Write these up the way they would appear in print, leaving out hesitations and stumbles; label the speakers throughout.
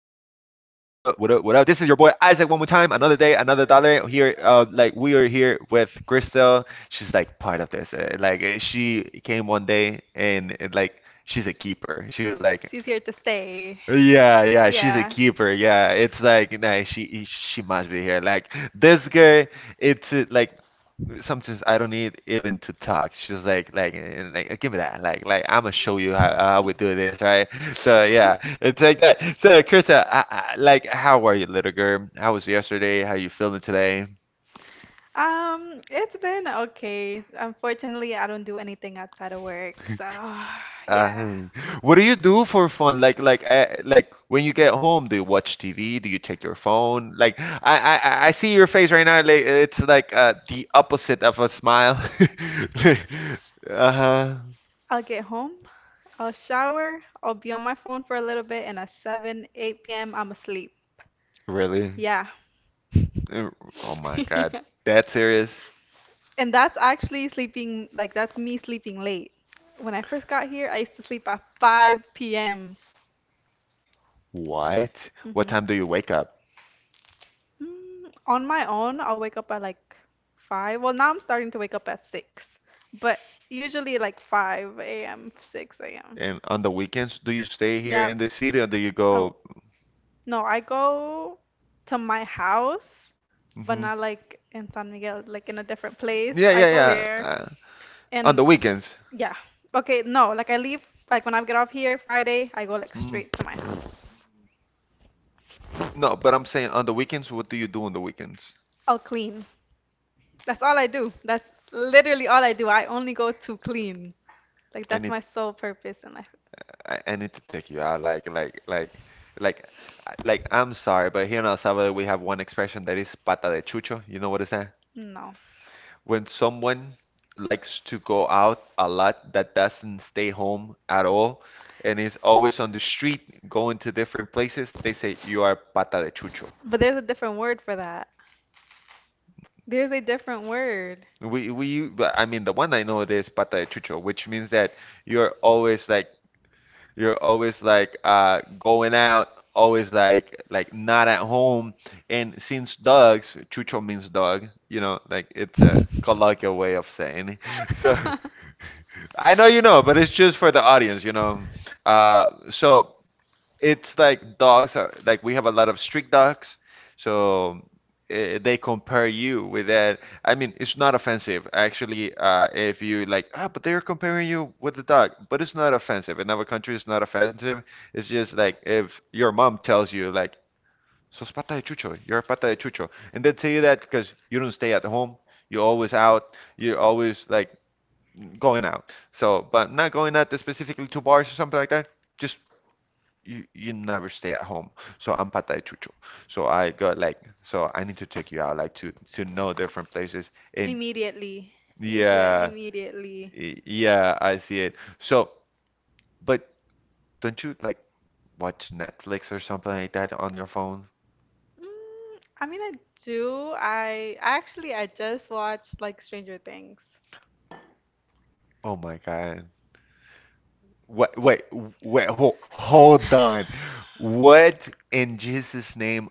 Speaker 1: What up? What up? This is your boy Isaac. One more time, another day, another dollar. Here, like we are here with Crystal. She's like part of this. Like she came one day and like she's a keeper. She was like,
Speaker 2: She's here to stay.
Speaker 1: yeah, yeah, she's a
Speaker 2: Yeah.
Speaker 1: keeper. Yeah, it's like, nah, she must be here. Like, this girl, it's, like, sometimes I don't need even to talk. She's like, like, give me that. Like, I'm gonna show you how we do this, right? So yeah, it's like that. So Krista, like, how are you, little girl? How was yesterday? How you feeling today?
Speaker 2: It's been okay. Unfortunately, I don't do anything outside of work, so yeah.
Speaker 1: Uh, what do you do for fun? Like, when you get home, do you watch TV? Do you check your phone? Like, I see your face right now. Like, it's like, the opposite of a smile. Uh-huh.
Speaker 2: I'll get home, I'll shower, I'll be on my phone for a little bit, and at 7, 8 p.m., I'm asleep.
Speaker 1: Really?
Speaker 2: Yeah.
Speaker 1: Uh, Oh my God, that serious?
Speaker 2: And that's actually sleeping, like that's me sleeping late. When I first got here, I used to sleep at 5 p.m.
Speaker 1: What? What
Speaker 2: hmm
Speaker 1: time do you wake up?
Speaker 2: On my own, I'll wake up at like 5. Well, now I'm starting to wake up at 6, but usually like 5 a.m., 6 a.m.
Speaker 1: And on the weekends, do you stay here
Speaker 2: Yep.
Speaker 1: in the city or do you
Speaker 2: Oh,
Speaker 1: go?
Speaker 2: no, I go to my house, but
Speaker 1: Hmm.
Speaker 2: not like in San Miguel, like in a different place.
Speaker 1: Yeah,
Speaker 2: I
Speaker 1: yeah,
Speaker 2: go
Speaker 1: yeah.
Speaker 2: there.
Speaker 1: On
Speaker 2: And
Speaker 1: the weekends.
Speaker 2: yeah, okay, no, like I leave, like when I get off here Friday, I go like
Speaker 1: Hmm.
Speaker 2: straight to my house.
Speaker 1: No, but I'm saying, on the weekends, what do you do on the weekends?
Speaker 2: I'll clean. That's all I do. That's literally all I do. I only go to clean. Like
Speaker 1: I
Speaker 2: that's my
Speaker 1: need,
Speaker 2: sole purpose in life.
Speaker 1: I need to take you out. Like, like. I'm sorry, but here in El Salvador we have one expression that is pata de chucho. You know what is that?
Speaker 2: No.
Speaker 1: When someone likes to go out a lot, that doesn't stay home at all and is always on the street going to different places, they say you are pata de chucho.
Speaker 2: But there's a different word for that. There's a different word.
Speaker 1: We, but I mean, the one I know, it is pata de chucho, which means that you're always like you're always like going out, always like, not at home. And since dogs, chucho means dog, like, it's a colloquial way of saying. It. So I know you know, but it's just for the audience. So it's like, dogs are, like, we have a lot of street dogs, so they compare you with that. I mean, it's not offensive, actually. If you like, but they're comparing you with the dog, but it's not offensive. In our country, it's not offensive. It's just like, if your mom tells you, like, "Sos pata de chucho, you're a pata de chucho," and they tell you that because you don't stay at home, you're always out, you're always like going out. So, but not going out specifically to bars or something like that. Just you never stay at home. So I'm patay chucho. So I got, like, so I need to take you out, like, to know different places. And
Speaker 2: Immediately. You do that
Speaker 1: yeah,
Speaker 2: immediately.
Speaker 1: yeah, I see it. So, but don't you like watch Netflix or something like that on your phone?
Speaker 2: I mean, I do. I just watched like Stranger Things.
Speaker 1: Oh my God. Wait, wait, wait, hold on. What in Jesus' name,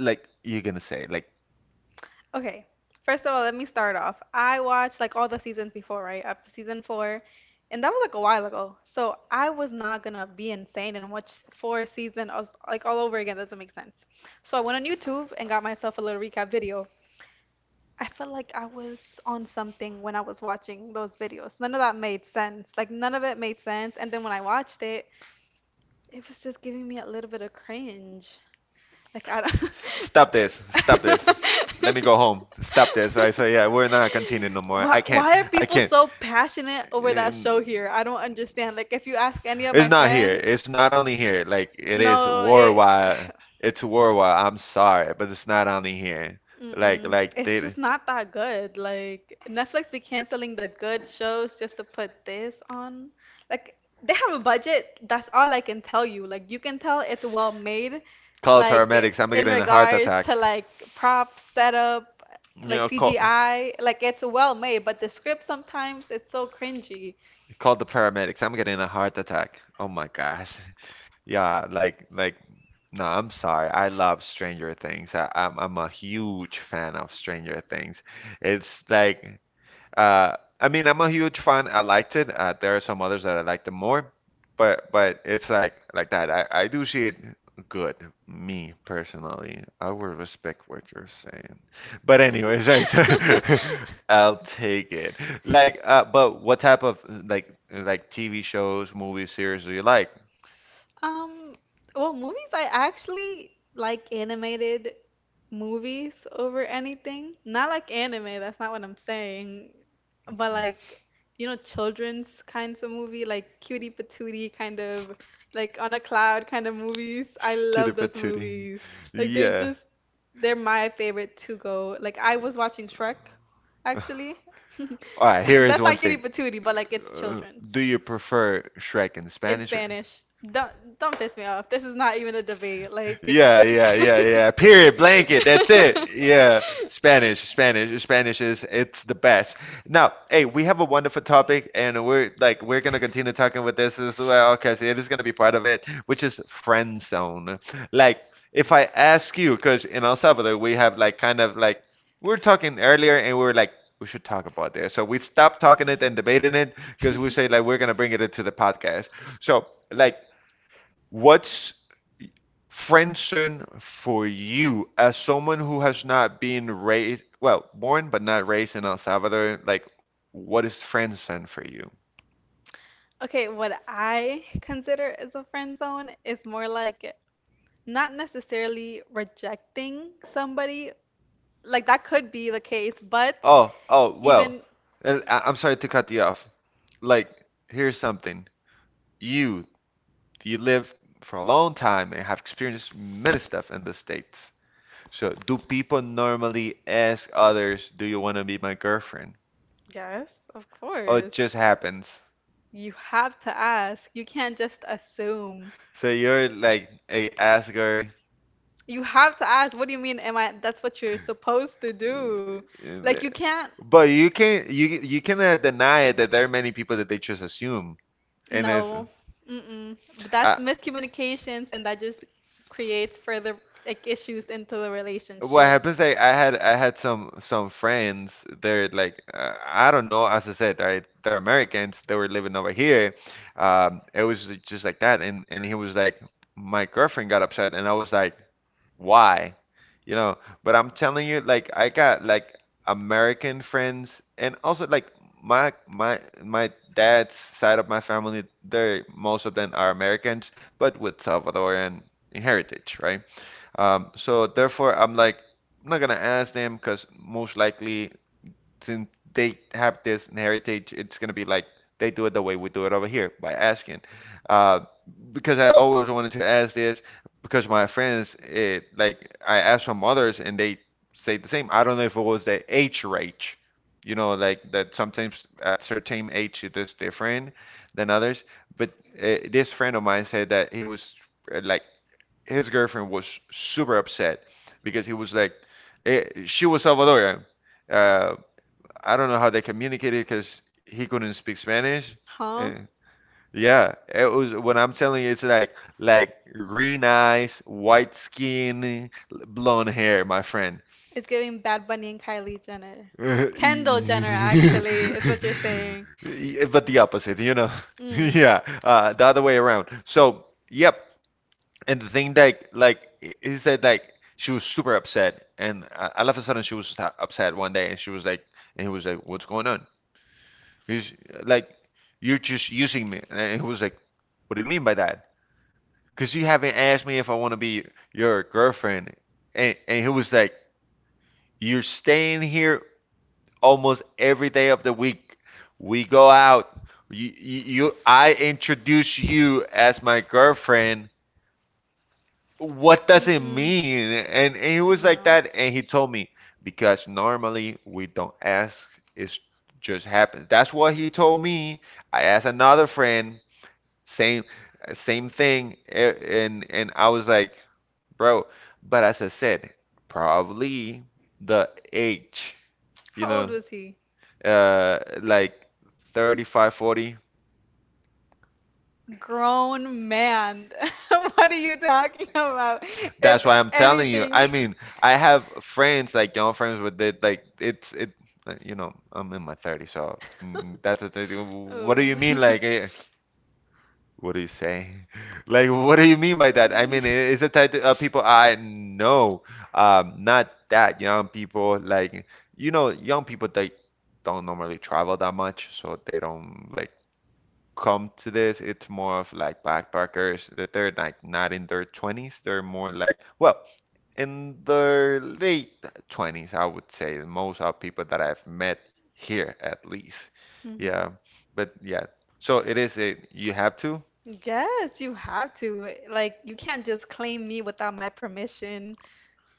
Speaker 1: like you're gonna say, like,
Speaker 2: Okay. First of all, let me start off. I watched like all the seasons before, right? Up to season four. And that was like a while ago. So I was not gonna be insane and watch four seasons like all over again. Doesn't make sense. So I went on YouTube and got myself a little recap video. I felt like I was on something when I was watching those videos. None of that made sense. Like none of it made sense. And then when I watched it, it was just giving me a little bit of cringe. Like I don't.
Speaker 1: stop
Speaker 2: Stop
Speaker 1: this. Stop this.
Speaker 2: this.
Speaker 1: Let me go home. Stop this. I say, yeah, we're not continuing no more. I
Speaker 2: Why,
Speaker 1: can't.
Speaker 2: why are
Speaker 1: I
Speaker 2: people
Speaker 1: can't.
Speaker 2: so passionate over that
Speaker 1: And-
Speaker 2: show here? I don't understand. Like if you ask any of my
Speaker 1: It's not here.
Speaker 2: friends,
Speaker 1: It's not only here. Like, it is
Speaker 2: no, it.
Speaker 1: worldwide. It's worldwide. I'm sorry, but it's not only here. Like
Speaker 2: Mm-mm.
Speaker 1: like
Speaker 2: It's
Speaker 1: they
Speaker 2: just not that good. Like Netflix be canceling the good shows just to put this on. Like they have a budget. That's all I can tell you. Like you can tell it's well made.
Speaker 1: call
Speaker 2: Like
Speaker 1: paramedics. I'm
Speaker 2: in
Speaker 1: getting a heart
Speaker 2: regards
Speaker 1: attack.
Speaker 2: to like props, setup,
Speaker 1: You
Speaker 2: like
Speaker 1: know, call
Speaker 2: CGI. Like it's well made, but the script sometimes it's so cringy.
Speaker 1: call the paramedics. I'm getting a heart attack. Oh my gosh. Yeah, like no, I'm sorry. I love Stranger Things. I'm a huge fan of Stranger Things. It's like, I mean, I'm a huge fan. I liked it. There are some others that I liked them more, but it's like, that. I do see it good. Me personally, I will respect what you're saying. But anyways, right. So, I'll take it. Like, but what type of, like, TV shows, movies, series do you like?
Speaker 2: Um, well, movies I actually like animated movies over anything. Not like anime, that's not what I'm saying. But
Speaker 1: Mhm.
Speaker 2: like, children's kinds of movie, like cutie patootie kind of like on a cloud kind of movies. I
Speaker 1: Cutie
Speaker 2: love those
Speaker 1: patootie.
Speaker 2: movies. Like they're
Speaker 1: Yeah.
Speaker 2: just they're my favorite to go. Like I was watching Shrek actually.
Speaker 1: All right, here is
Speaker 2: That's
Speaker 1: one
Speaker 2: not cutie
Speaker 1: thing.
Speaker 2: patootie, but like it's
Speaker 1: Uh,
Speaker 2: children's.
Speaker 1: do you prefer Shrek in
Speaker 2: In
Speaker 1: Spanish or?
Speaker 2: Spanish. Don't don't piss me off. This is not even a debate. Like
Speaker 1: Yeah, yeah, yeah, yeah. Period, blanket. That's it. Yeah. Spanish, Spanish, Spanish is it's the best. Now, hey, we have a wonderful topic and we're gonna continue talking with this as well, because it is gonna be part of it, which is friend zone. Like, if I ask you, because in El Salvador we have, like, kind of, like, we were talking earlier, and we were like, we should talk about this. So we stopped talking it and debating
Speaker 2: Mm.
Speaker 1: it, because we say, like, we're gonna bring it into the podcast. So, like, what's friendship for you, as someone who has not been raised—well, born but not raised in El Salvador. Like, what is friendship for you?
Speaker 2: Okay, what I consider as a friend zone is more like not necessarily rejecting somebody. Like that could be the case, but
Speaker 1: Oh, oh, well.
Speaker 2: even
Speaker 1: And I'm sorry to cut you off. Like, here's something. You—you live for a long time and have experienced many stuff in the States. So, do people normally ask others, "Do you want to be my girlfriend?"
Speaker 2: yes, of
Speaker 1: Or it
Speaker 2: course.
Speaker 1: just happens?
Speaker 2: You have to ask. You can't just assume.
Speaker 1: So you're like, "Hey, ask her."
Speaker 2: You have to ask. What do you mean, am I? That's what you're supposed to do.
Speaker 1: And,
Speaker 2: Like, you
Speaker 1: can't,
Speaker 2: can't.
Speaker 1: But you cannot deny it, that there are many people that they just assume, and it's
Speaker 2: No. Mm-mm. But that's
Speaker 1: I,
Speaker 2: yeah, miscommunications, and that just creates
Speaker 1: and
Speaker 2: further like issues into the well,
Speaker 1: what
Speaker 2: relationship.
Speaker 1: happens. Like, I had some friends. They're like, I don't know. As I said, they're Americans. They were living over here. It was just like that, and he was like, my girlfriend got upset, and I was like, why? You know, but I'm telling you, like, I got, like, American friends, and also, like, my dad's side of my family, they're most of them are Americans, but with Salvadorian heritage, right? So therefore, I'm like, I'm not gonna ask them, because most likely, since they have this heritage, it's gonna be like, they do it the way we do it over here, by asking. Uh, because I always wanted to ask this, because my friends, like, I asked from others, and they say the same. I don't know if it was the age range, like, that sometimes at certain age it is different than others. But this friend of mine said that he was, like, his girlfriend was super upset, because he was like, she was Salvadorian. Uh, I don't know how they communicated, because he couldn't speak Spanish.
Speaker 2: Huh?
Speaker 1: Eh, yeah, it was, when I'm telling you, it's like, green eyes, white skin, blonde hair, my friend.
Speaker 2: It's giving Bad Bunny and Kylie Jenner.
Speaker 1: Yeah,
Speaker 2: Kendall Jenner, actually, is what you're saying.
Speaker 1: but the opposite. Yeah, the other way around. So, yep. And the thing that, like, he said, like, she was super upset, and all of a sudden, she was upset one day, and she was like, and he was like, "What's going on?" He's like, you're just using me. And he was like, what do you mean by that? Because you haven't asked me if I want to be your girlfriend. And, he was like, you're staying here almost every day of the week. We go out. I introduce you as my girlfriend. What does it
Speaker 2: Mm-mm.
Speaker 1: mean? And, he was like that. And he told me, because normally we don't ask. It just happens. That's what he told me. I asked another friend. Same same thing. And I was like, bro, but as I said, probably the age, you
Speaker 2: How
Speaker 1: know,
Speaker 2: was he?
Speaker 1: like, 35, 40.
Speaker 2: Grown man. What are you talking about? If
Speaker 1: That's why I'm telling you. I mean, I have friends, like, young friends with it, like it's it, you know, I'm in my 30s, so,
Speaker 2: that's the
Speaker 1: that's the thing. What do you mean, like, What do you say? Like, what do you mean by that? I mean, is it that, people? I know, not that young people. Like, young people, they don't normally travel that much, so they don't, like, come to this. It's more of, like, backpackers that they're, like, not in their 20s. They're more like, well, in their late 20s, I would say. Most of people that I've met here, at least.
Speaker 2: Mhm.
Speaker 1: Yeah, but yeah. So, it is a, you have to.
Speaker 2: Mm-hmm. Yes, you have to. Like, you can't just claim me without my permission.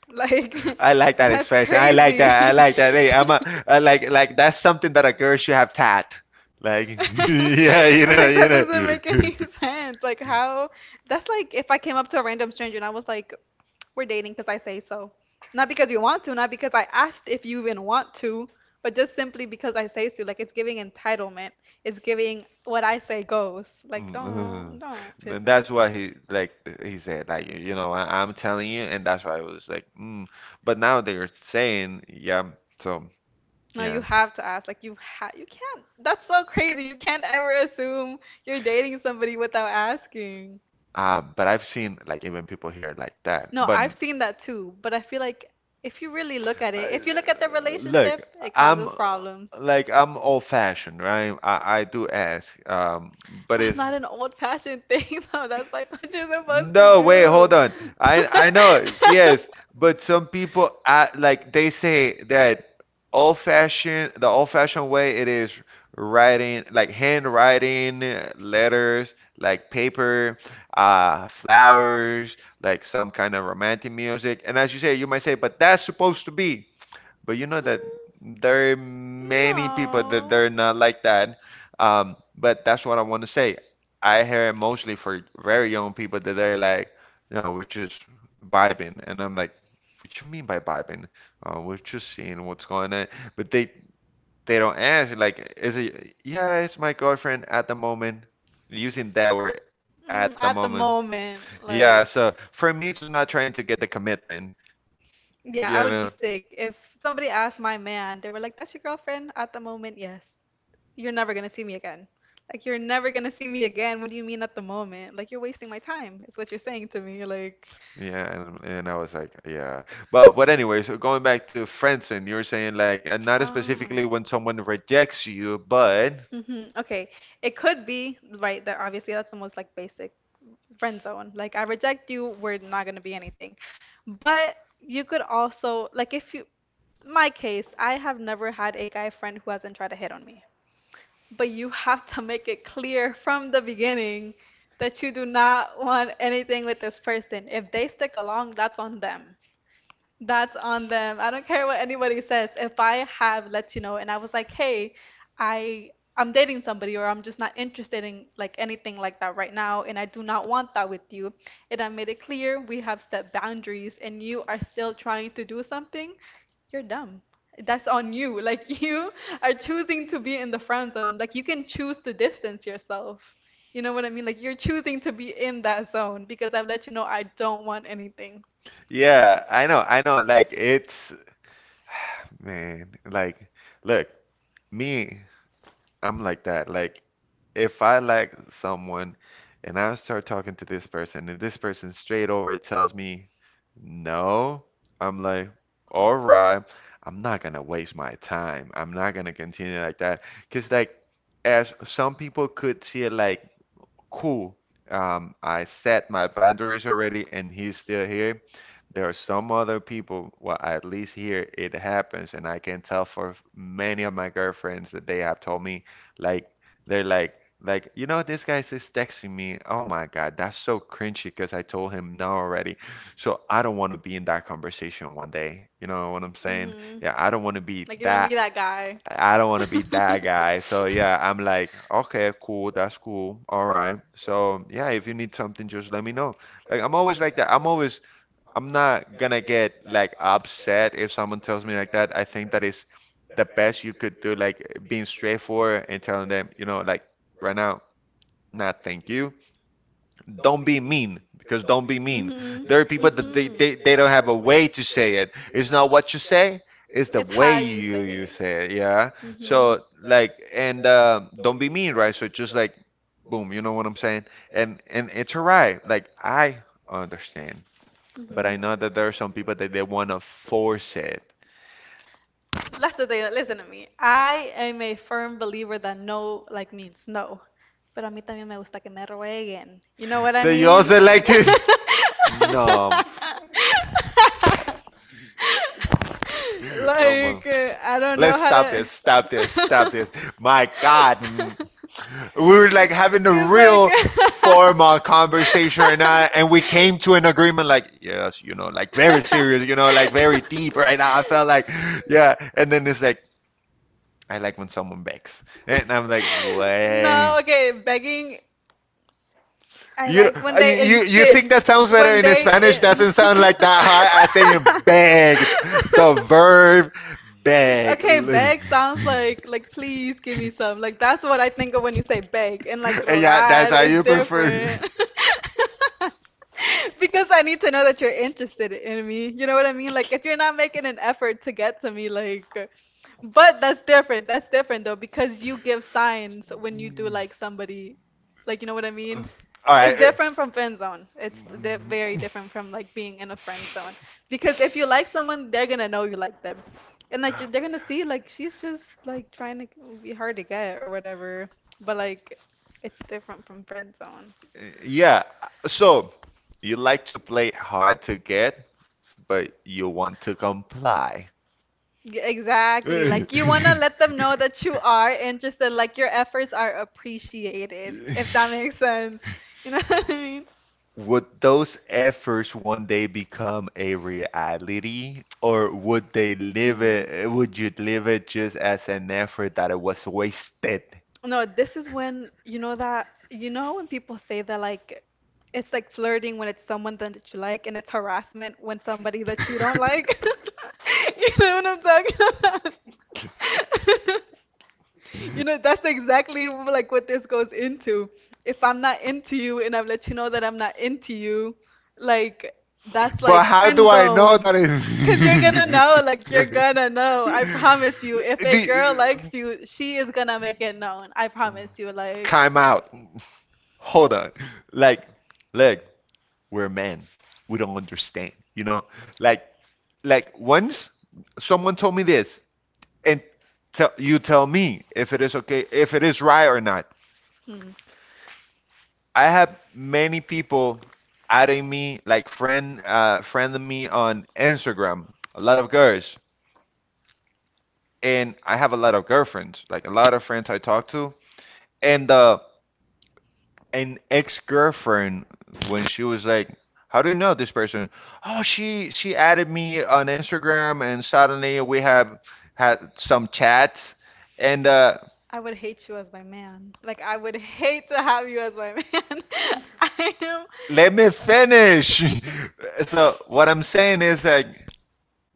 Speaker 2: Like,
Speaker 1: I like that
Speaker 2: that's
Speaker 1: expression. I like
Speaker 2: crazy.
Speaker 1: that. I like that. Hey, I like, that's something that a girl should have tat. Like, yeah, you know,
Speaker 2: like
Speaker 1: you
Speaker 2: that doesn't make
Speaker 1: know.
Speaker 2: any sense. Like how that's like if I came up to a random stranger and I was like, "We're dating because I say so." Not because you want to, not because I asked if you even want to, but just simply because I say so. Like it's giving entitlement. It's giving what I say goes. Like
Speaker 1: Mhm.
Speaker 2: don't piss
Speaker 1: And
Speaker 2: me.
Speaker 1: that's what he said, like, I'm telling you, and that's why I was like, mm. But now they're saying yeah, so
Speaker 2: No, you
Speaker 1: yeah,
Speaker 2: have to ask. Like you have, you can't. That's so crazy. You can't ever assume you're dating somebody without asking.
Speaker 1: but I've seen, like, even people here like that,
Speaker 2: No,
Speaker 1: but
Speaker 2: I've seen that too, but I feel like if you really look at
Speaker 1: Uh,
Speaker 2: it, if you look at the
Speaker 1: look,
Speaker 2: relationship, it
Speaker 1: I'm
Speaker 2: causes problems.
Speaker 1: like, I'm old fashioned, right? I do ask, but
Speaker 2: That's
Speaker 1: it's,
Speaker 2: not an old-fashioned thing, though. That's like what you're supposed to
Speaker 1: no, wait, hold on.
Speaker 2: do.
Speaker 1: I know, yes, but some people like they say that old fashioned, the old fashioned way it is writing like handwriting letters, like paper, flowers, like some kind of romantic music. And as you say, you might say, but that's supposed to be. But you know that there are many people that
Speaker 2: No.
Speaker 1: they're not like that. But that's what I want to say. I hear it mostly for very young people that they're like, no, we're just vibing. And I'm like, what you mean by vibing? We're just seeing what's going on. But they don't ask like, is it, yeah, it's my girlfriend at the moment. Using that word at the
Speaker 2: At the
Speaker 1: moment.
Speaker 2: moment,
Speaker 1: Yeah,
Speaker 2: like.
Speaker 1: so for me, it's not trying to get the commitment.
Speaker 2: Yeah,
Speaker 1: Yeah, I
Speaker 2: I would
Speaker 1: know.
Speaker 2: be sick. If somebody asked my man, they were like, that's your girlfriend? At the moment, yes. You're never gonna see me again. Like, you're never gonna see me again. What do you mean at the moment? Like, you're wasting my time, is what you're saying to me. Like,
Speaker 1: Yeah, and I was like, yeah. Well, but anyway, so going back to friendzone, you were saying like, and not
Speaker 2: um.
Speaker 1: specifically when someone rejects you, but
Speaker 2: Okay, it could be right that obviously that's the most like basic friend zone. Like I reject you, we're not gonna be anything. But you could also like if you my case, I have never had a guy friend who hasn't tried to hit on me. But you have to make it clear from the beginning that you do not want anything with this person. If they stick along, that's on them. That's on them. I don't care what anybody says. If I have let you know and I was like, "Hey, I I'm dating somebody or I'm just not interested in like anything like that right now and I do not want that with you." And I made it clear we have set boundaries and you are still trying to do something, you're dumb. That's on you. Like you are choosing to be in the friend zone. Like you can choose to distance yourself. You know what I mean? Like you're choosing to be in that zone because I've let you know I don't want anything.
Speaker 1: yeah, I know, like it's man, like look, me, I'm like that. Like, if I like someone and I start talking to this person, and this person straight over tells me no, I'm like, all right, I'm not gonna waste my time. I'm not gonna continue like that. Because, like, as some people could see it like cool. I set my boundaries already, and he's still here. There are some other people, well, at least here it happens, and I can tell for many of my girlfriends that they have told me, like, they're like, you know, this guy's just texting me. Oh my God, that's so cringy because I told him no already. So I don't want to be in that conversation one day. You know what I'm saying?
Speaker 2: Mhm.
Speaker 1: Yeah, I don't want to be
Speaker 2: Like you don't wanna be
Speaker 1: that.
Speaker 2: that guy.
Speaker 1: I don't want to be that guy. So yeah, I'm like, okay, cool, that's cool. All right. So yeah, if you need something, just let me know. Like I'm always like that. I'm always I'm not gonna get like upset if someone tells me like that. I think that is the best you could do, like being straightforward and telling them, you know, like right now, not thank you. Don't be mean, because don't be mean,
Speaker 2: Mhm.
Speaker 1: there are people that they,
Speaker 2: Mhm.
Speaker 1: they, they don't have a way to say it. It's not what you say, it's the
Speaker 2: It's
Speaker 1: way
Speaker 2: how you
Speaker 1: you
Speaker 2: say
Speaker 1: you
Speaker 2: it.
Speaker 1: say it. Yeah,
Speaker 2: Mhm.
Speaker 1: so like and don't be mean, right? So just like boom, you know what I'm saying? And it's all right, like I understand, but I know that there are some people that they want to
Speaker 2: Mhm.
Speaker 1: force it,
Speaker 2: That's the thing. Listen to me. I am a firm believer that no like means no. Pero a mí también me gusta que me rueguen. You know what I
Speaker 1: so you
Speaker 2: mean? No,
Speaker 1: also like
Speaker 2: they
Speaker 1: to no.
Speaker 2: like, it.
Speaker 1: Oh my.
Speaker 2: Like, I don't know
Speaker 1: Let's
Speaker 2: how
Speaker 1: stop
Speaker 2: to.
Speaker 1: this. Stop this. Stop this. My God. Mm. We were like having a
Speaker 2: Because,
Speaker 1: real formal conversation right now, and we came to an agreement like, yes, you know, like very serious, you know, like very deep right now. I felt like, yeah. And then it's
Speaker 2: like,
Speaker 1: like, I like when someone bakes. And I'm like, wait.
Speaker 2: No, okay, begging. I
Speaker 1: You,
Speaker 2: like when they
Speaker 1: you think
Speaker 2: insist.
Speaker 1: that sounds better
Speaker 2: When
Speaker 1: in
Speaker 2: they.
Speaker 1: Spanish? Doesn't sound like that hard as saying beg. The verb beg.
Speaker 2: Okay,
Speaker 1: Let me-
Speaker 2: beg sounds like please give me some. Like that's what I think of when you say beg, and like
Speaker 1: And yeah, that's
Speaker 2: rogar
Speaker 1: how
Speaker 2: is
Speaker 1: you prefer.
Speaker 2: different. Because I need to know that you're interested in me. You know what I mean? Like if you're not making an effort to get to me, like but that's different. That's different though, because you give signs when you do like somebody, like you know what I mean?
Speaker 1: All
Speaker 2: It's
Speaker 1: right.
Speaker 2: different from friend zone. It's di very different from like being in a friend zone. Because if you like someone, they're gonna know you like them, and like they're gonna see like she's just like trying to be hard to get or whatever. But like, it's different from friend zone.
Speaker 1: Yeah. So you like to play hard to get, but you want to comply.
Speaker 2: Yeah, exactly.
Speaker 1: Eh.
Speaker 2: Like you wanna let them know that you are interested, like your efforts are appreciated, if that makes sense. You know what I mean?
Speaker 1: Would those efforts one day become a reality, or would they live
Speaker 2: Mm.
Speaker 1: it? Would you live it just as an effort that it was wasted?
Speaker 2: No, this is when you know that you know when people say that like it's like flirting when it's someone that you like and it's harassment when somebody that you don't like. You know what I'm talking about? You know, that's exactly like what this goes into. If I'm not into you and I've let you know that I'm not into you, like that's like
Speaker 1: But
Speaker 2: well, how
Speaker 1: how
Speaker 2: friend
Speaker 1: do
Speaker 2: do I
Speaker 1: I
Speaker 2: know
Speaker 1: know
Speaker 2: zone.
Speaker 1: that
Speaker 2: That? Cause you're gonna know, like you're
Speaker 1: it?
Speaker 2: gonna know. I promise you, if a girl
Speaker 1: The
Speaker 2: likes you, she is gonna make it known. I promise you, like time
Speaker 1: time
Speaker 2: out.
Speaker 1: out. Hold on. Like, like, we're men. We don't understand. You know, like, like once someone told me this, and tell you tell me if it is okay, if it is right or not.
Speaker 2: hmm,
Speaker 1: I have many people adding me, like friend, friending me on Instagram. A lot of girls, and I have a lot of girlfriends, like a lot of friends I talk to, and an ex-girlfriend when she was like, "How do you know this person?" Oh, she added me on Instagram, and suddenly we have had some chats. And
Speaker 2: I would hate you as my man. Like I would hate to have you as my man. I am.
Speaker 1: let me
Speaker 2: Let me
Speaker 1: finish.
Speaker 2: finish.
Speaker 1: So what I'm saying is like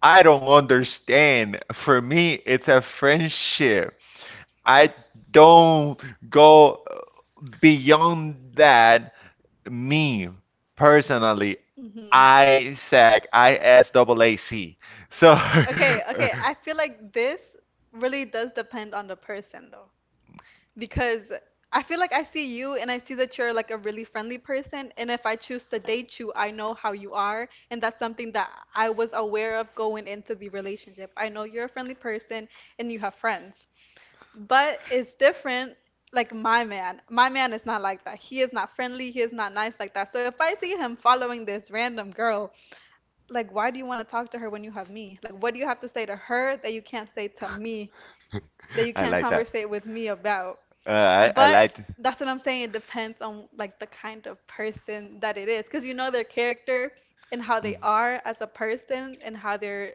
Speaker 1: I don't understand. For me, it's a friendship. I don't go beyond that me personally,
Speaker 2: Mhm.
Speaker 1: I SAC, I S double A C. So
Speaker 2: Okay,
Speaker 1: I
Speaker 2: okay. I feel like this really does depend on the person though. Because I feel like I see you and I see that you're like a really friendly person. And if I choose to date you, I know how you are. And that's something that I was aware of going into the relationship. I know you're a friendly person and you have friends. But it's different, like my man. My man is not like that. He is not friendly. He is not nice like that. So if I see him following this random girl, like why do you want to talk to her when you have me? Like what do you have to say to her that you can't say to me, that you can't
Speaker 1: like that.
Speaker 2: conversate with me about?
Speaker 1: I
Speaker 2: But
Speaker 1: like.
Speaker 2: that's what I'm saying. It depends on like the kind of person that it is, because you know their character and how they
Speaker 1: Mm.
Speaker 2: are as a person and how they're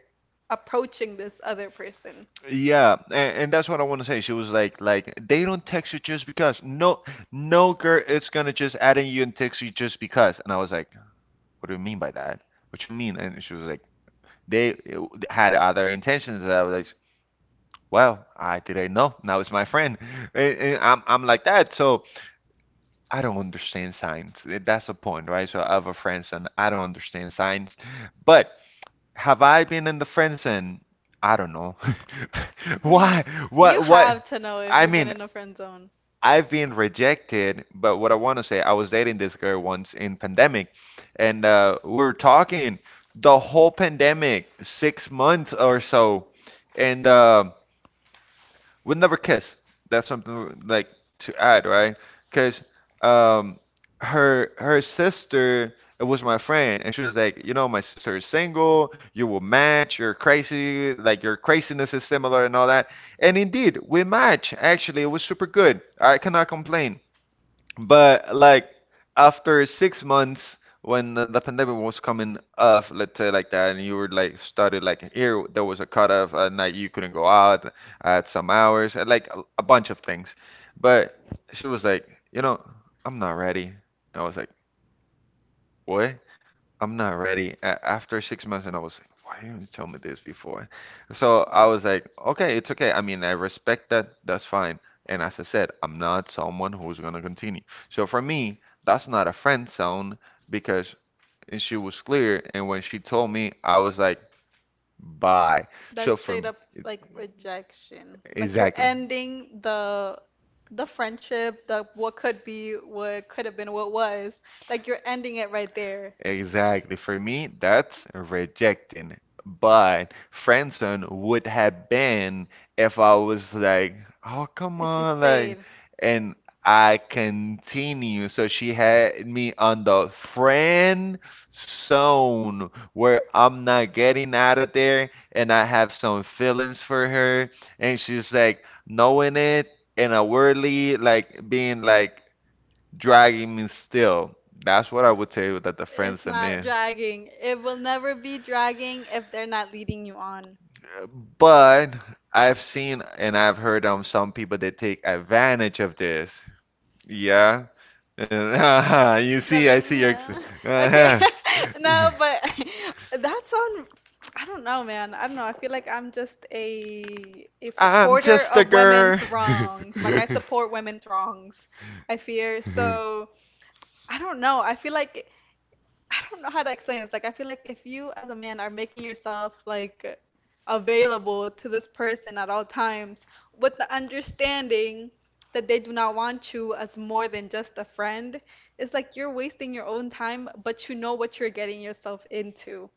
Speaker 2: approaching this other person.
Speaker 1: Yeah, and that's what I want to say. She was like they don't text you just because. No, no girl, it's gonna just add in you and text you just because. And I was like, what do you mean by that? What you mean? And she was like, they had other intentions. And I was like, well, I didn't know. Now it's my friend. And I'm like that. So I don't understand signs. Eh, that's the point, right? So I have a friend zone. I don't understand signs. But have I been in the friend zone? I don't know.
Speaker 2: What do you mean
Speaker 1: Why?
Speaker 2: you
Speaker 1: What?
Speaker 2: have
Speaker 1: What?
Speaker 2: to know if
Speaker 1: I
Speaker 2: you've been
Speaker 1: mean,
Speaker 2: in a friend zone?
Speaker 1: I've been rejected, but what I want to say, I was dating this girl once in pandemic, and we were talking the whole pandemic, six months or so, and would never kiss. That's something like to add, right? Because um, her sister it was my friend, and she was like, you know, my sister is single. You will match. You're crazy. Like your craziness is similar and all that. And indeed, we match. Actually, it was super good. I cannot complain. But like after six months, when the pandemic was coming off, let's say like that, and you were like started like here, there was a cutoff at night you couldn't go out at some hours, and like a bunch of things. But she was like, you know, I'm not ready. I was like, what? I'm not ready. After six months, and I was like, why didn't you tell me this before? So I was like, okay, it's okay. I mean, I respect that. That's fine. And as I said, I'm not someone who's gonna continue. So for me, that's not a friend zone because and she was clear. And when she told me, I was like, bye.
Speaker 2: That's
Speaker 1: So
Speaker 2: straight
Speaker 1: from
Speaker 2: up like rejection. Like you're
Speaker 1: exactly.
Speaker 2: ending the friendship, the what could be, what could have been, what was. Like you're ending it right there.
Speaker 1: Exactly. For me, that's rejecting. But friend zone would have been if I was like, oh, come
Speaker 2: If you
Speaker 1: on, like,
Speaker 2: stayed,
Speaker 1: and I continue. So she had me on the friend zone where I'm not getting out of there and I have some feelings for her. And she's like, knowing it in a worldly, like, being like, dragging me still. That's what I would tell you that the
Speaker 2: it's
Speaker 1: friends in
Speaker 2: not
Speaker 1: there.
Speaker 2: dragging. It will never be dragging if they're not leading you on.
Speaker 1: But I've seen and I've heard some people that take advantage of this. Yeah. And you see, I
Speaker 2: Davin,
Speaker 1: see your
Speaker 2: yeah. Okay. No, but that's on. I don't know, man. I don't know. I feel like I'm just a
Speaker 1: I'm
Speaker 2: supporter
Speaker 1: just a
Speaker 2: of women's
Speaker 1: girl.
Speaker 2: wrongs. Like I support women's wrongs. I fear. So, I don't know. I feel like I don't know how to explain this. Like, I feel like if you as a man are making yourself like available to this person at all times with the understanding that they do not want you as more than just a friend, it's like you're wasting your own time, but you know what you're getting yourself into.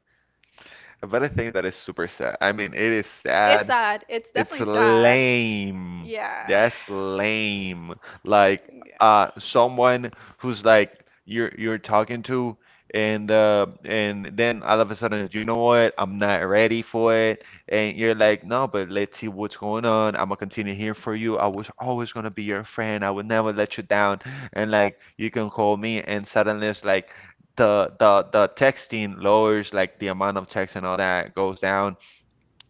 Speaker 1: But I think that is super sad. I mean, it is
Speaker 2: It's
Speaker 1: sad,
Speaker 2: sad. It's
Speaker 1: it's
Speaker 2: definitely sad.
Speaker 1: lame.
Speaker 2: Yeah.
Speaker 1: That's lame. Like
Speaker 2: Yeah.
Speaker 1: someone who's like you're talking to and then all of a sudden, you know what? I'm not ready for it. And you're like, no, but let's see what's going on. I'm gonna continue here for you. I was always gonna be your friend. I would never let you down. And like you can call me and suddenly it's like the texting lowers like the amount of text and all that goes down,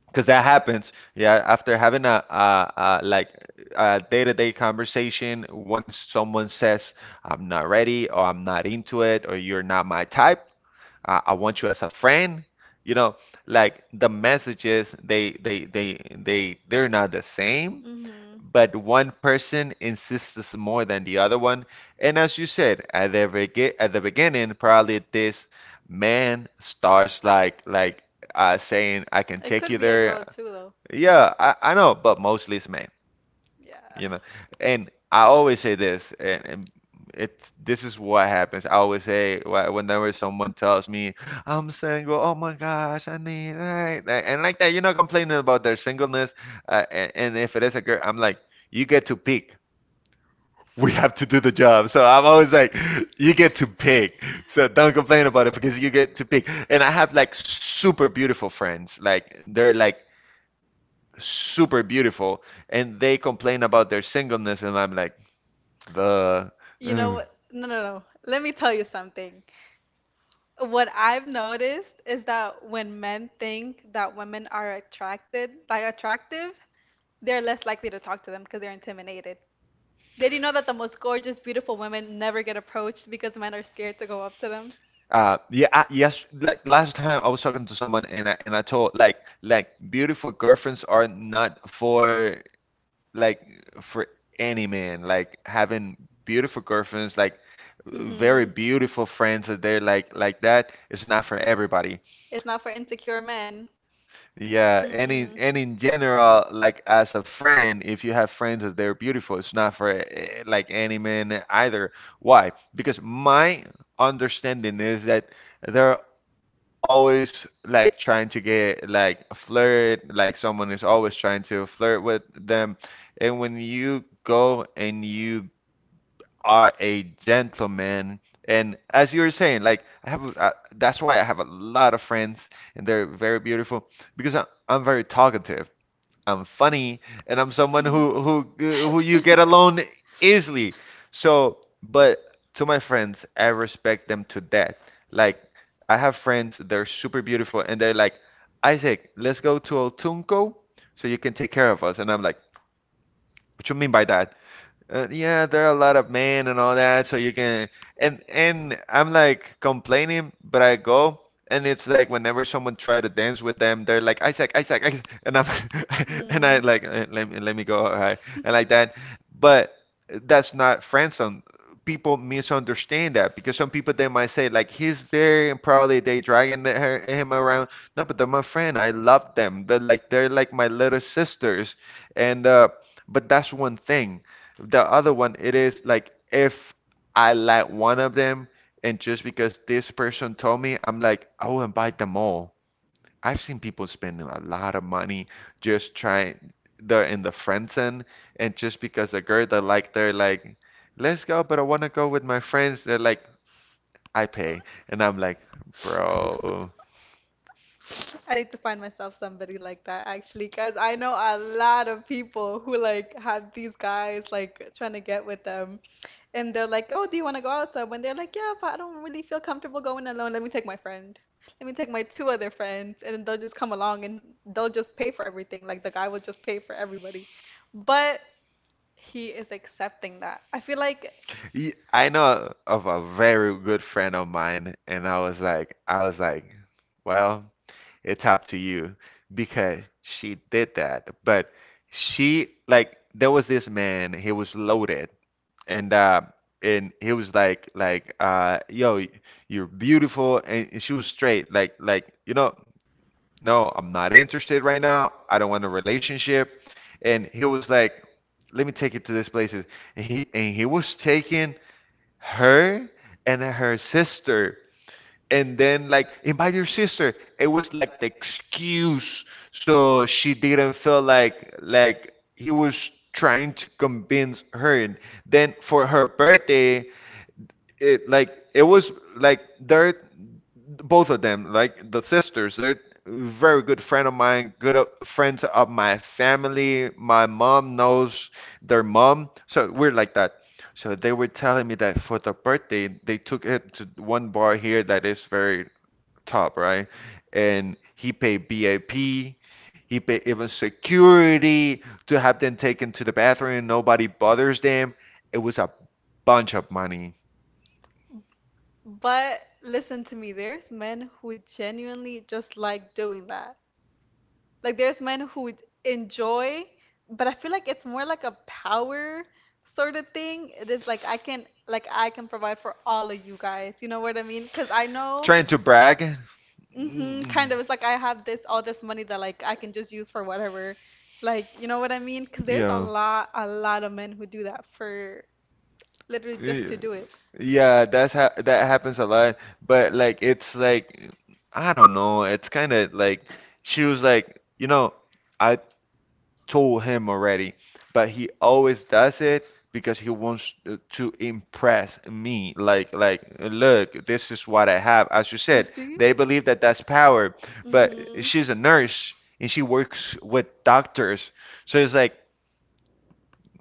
Speaker 1: because that happens. Yeah, after having a like a day-to-day conversation, once someone says I'm not ready or I'm not into it or you're not my type I want you as a friend, you know, like the messages they they're not the same,
Speaker 2: Mhm.
Speaker 1: but one person insists more than the other one. And as you said at the beginning, probably this man starts like saying, "I can
Speaker 2: It
Speaker 1: take
Speaker 2: could
Speaker 1: you
Speaker 2: be a girl
Speaker 1: there."
Speaker 2: too, though.
Speaker 1: Yeah, I know, but mostly it's men.
Speaker 2: Yeah.
Speaker 1: You know, and I always say this, and it this is what happens. I always say whenever someone tells me I'm single, oh my gosh, I need that, that," and like that, you know, complaining about their singleness, and if it is a girl, I'm like, you get to pick. We have to do the job. So I'm always like, you get to pick. So don't complain about it because you get to pick. And I have like super beautiful friends. Like they're like super beautiful and they complain about their singleness and I'm like the
Speaker 2: You know
Speaker 1: ugh.
Speaker 2: what? No, no, no. Let me tell you something. What I've noticed is that when men think that women are attracted, like attractive, they're less likely to talk to them because they're intimidated. Did you know that the most gorgeous, beautiful women never get approached because men are scared to go up to them?
Speaker 1: Yeah I, yes like last time I was talking to someone and I told like beautiful girlfriends are not for like for any man like having beautiful girlfriends like very
Speaker 2: Mm-hmm.
Speaker 1: beautiful friends that they're like that is not for everybody.
Speaker 2: It's not for insecure men.
Speaker 1: Yeah, and in general, like as a friend, if you have friends that they're beautiful, it's not for eh, like any man either. Why? Because my understanding is that they're always like trying to get like a flirt, like someone is always trying to flirt with them. And when you go and you are a gentleman. And as you were saying, like, I have, that's why I have a lot of friends, and they're very beautiful because I'm very talkative, I'm funny, and I'm someone
Speaker 2: Mm-mm.
Speaker 1: who who you get along easily. So, but to my friends, I respect them to that. Like, I have friends, they're super beautiful, and they're like, Isaac, let's go to Otunco so you can take care of us. And I'm like, what you mean by that? Yeah, there are a lot of men and all that, so you can and I'm like complaining, but I go, and it's like whenever someone try to dance with them, they're like, Isaac, Isaac, Isaac, and I'm and I
Speaker 2: Mm.
Speaker 1: like, "Eh, let me go, all right," and like that. But that's not friend zone. People misunderstand that because some people they might say like he's there and probably they dragging her, him around. No, but they're my friend. I love them. They're like, they're like my little sisters, and but that's one thing. The other one, it is like if I like one of them, and just because this person told me, I'm like, I will invite them all. I've seen people spending a lot of money just trying, they're in the friend zone, and just because a girl that like, they're like, let's go, but I want to go with my friends. They're like, I pay. And I'm like, bro.
Speaker 2: I need to find myself somebody like that actually, because I know a lot of people who like had these guys like trying to get with them, and they're like, "Oh, do you want to go out?" So when they're like, "Yeah, but I don't really feel comfortable going alone. Let me take my friend. Let me take my two other friends," and then they'll just come along and they'll just pay for everything. Like the guy will just pay for everybody, but he is accepting that. I feel like,
Speaker 1: I know of a very good friend of mine, and I was like, well, it's up to you because she did that. But she, like, there was this man, he was loaded, and uh, and he was like, yo, you're beautiful, and she was straight like, you know, no, I'm not interested right now. I don't want a relationship, and he was like, let me take you to this places. And he was taking her and her sister, and then like invite your sister, it was like the excuse, so she didn't feel like, he was trying to convince her. And then for her birthday, it like it was like they're both of them, like the sisters, they're very good friend of mine, good friends of my family, my mom knows their mom, so we're like that. So they were telling me that for the birthday, they took it to one bar here that is very top, right? And he paid BAP, he paid even security to have them taken to the bathroom and nobody bothers them. It was a bunch of money.
Speaker 2: but listen to me, there's men who genuinely just like doing that. Like there's men who would enjoy, but I feel like it's more like a power sort of thing. It is like I can provide for all of you guys. You know what I mean? Because I know.
Speaker 1: Trying to brag.
Speaker 2: Mm-hmm,
Speaker 1: Mm.
Speaker 2: kind of. It's like I have this all this money that like I can just use for whatever. Like, you know what I mean? 'Cause there's
Speaker 1: Yeah.
Speaker 2: a lot of men who do that for literally
Speaker 1: Yeah,
Speaker 2: just to do it.
Speaker 1: yeah, that's ha that happens a lot, but like, it's like, I don't know, it's kind of like, she was like, you know, I told him already, but he always does it because he wants to impress me. Like look, this is what I have. As you said,
Speaker 2: See?
Speaker 1: they believe that that's power, but she's a nurse and she works with doctors. So it's like,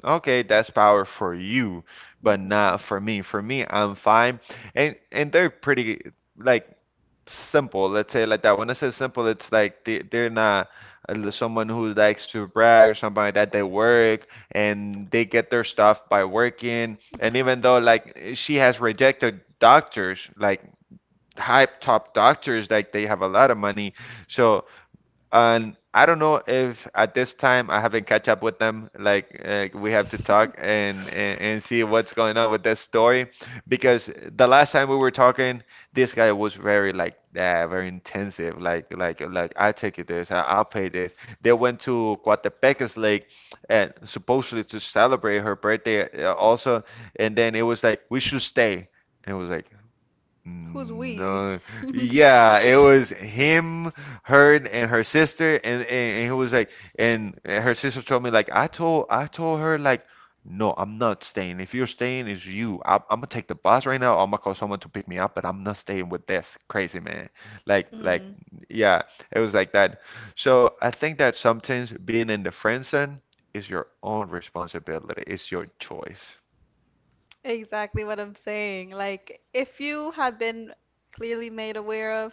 Speaker 1: okay, that's power for you, but not for me. For me, I'm fine. And they're pretty, like, simple, let's say like that. When I say simple, it's like they they're not someone who likes to brag or something like that. They work and they get their stuff by working. And even though like she has rejected doctors, like high top doctors, like they have a lot of money. So and I don't know if at this time I haven't catch up with them. Like, we have to talk and see what's going on with this story, because the last time we were talking, this guy was very like, very intensive. Like I take you this, I'll pay this. They went to Coatepeques Lake, and supposedly to celebrate her birthday also, and then it was like, we should stay. And it was like,
Speaker 2: Who's
Speaker 1: mm, no,
Speaker 2: uh,
Speaker 1: yeah, it was him, her, and her sister, and, and he was like, and her sister told me like, I told her like, no, I'm not staying. If you're staying, it's you. I'm gonna take the bus right now. I'm gonna call someone to pick me up, but I'm not staying with this crazy man. Like like
Speaker 2: Hmm.
Speaker 1: yeah, it was like that. So I think that sometimes being in the friend zone is your own responsibility. It's your choice.
Speaker 2: Exactly what I'm saying. Like, if you had been clearly made aware of,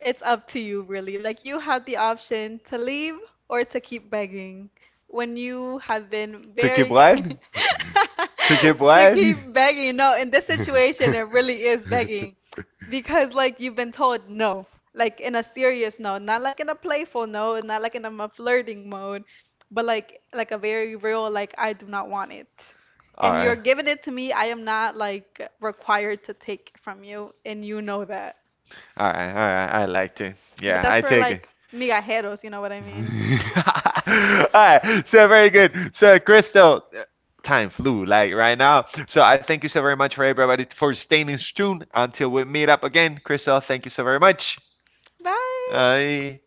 Speaker 2: it's up to you, really. Like, you have the option to leave or to keep begging when you have been
Speaker 1: To keep
Speaker 2: very
Speaker 1: what? To keep
Speaker 2: to
Speaker 1: what? All
Speaker 2: keep begging. No, in this situation, it really is begging because, like, you've been told no, like in a serious no, not like in a playful no, not like in a flirting mode, but like a very real, like, I do not want it. And you're
Speaker 1: right.
Speaker 2: giving it to me. I am not like required to take it from you, and you know that.
Speaker 1: All right. I like it.
Speaker 2: But
Speaker 1: Yeah,
Speaker 2: that's
Speaker 1: I
Speaker 2: for
Speaker 1: take it.
Speaker 2: like migajeros, you know what I mean?
Speaker 1: All right, so very good. So, Crystal, time flew like right now. So, I thank you so very much for everybody for staying in tune until we meet up again. Crystal, thank you so very much.
Speaker 2: Bye.
Speaker 1: Bye.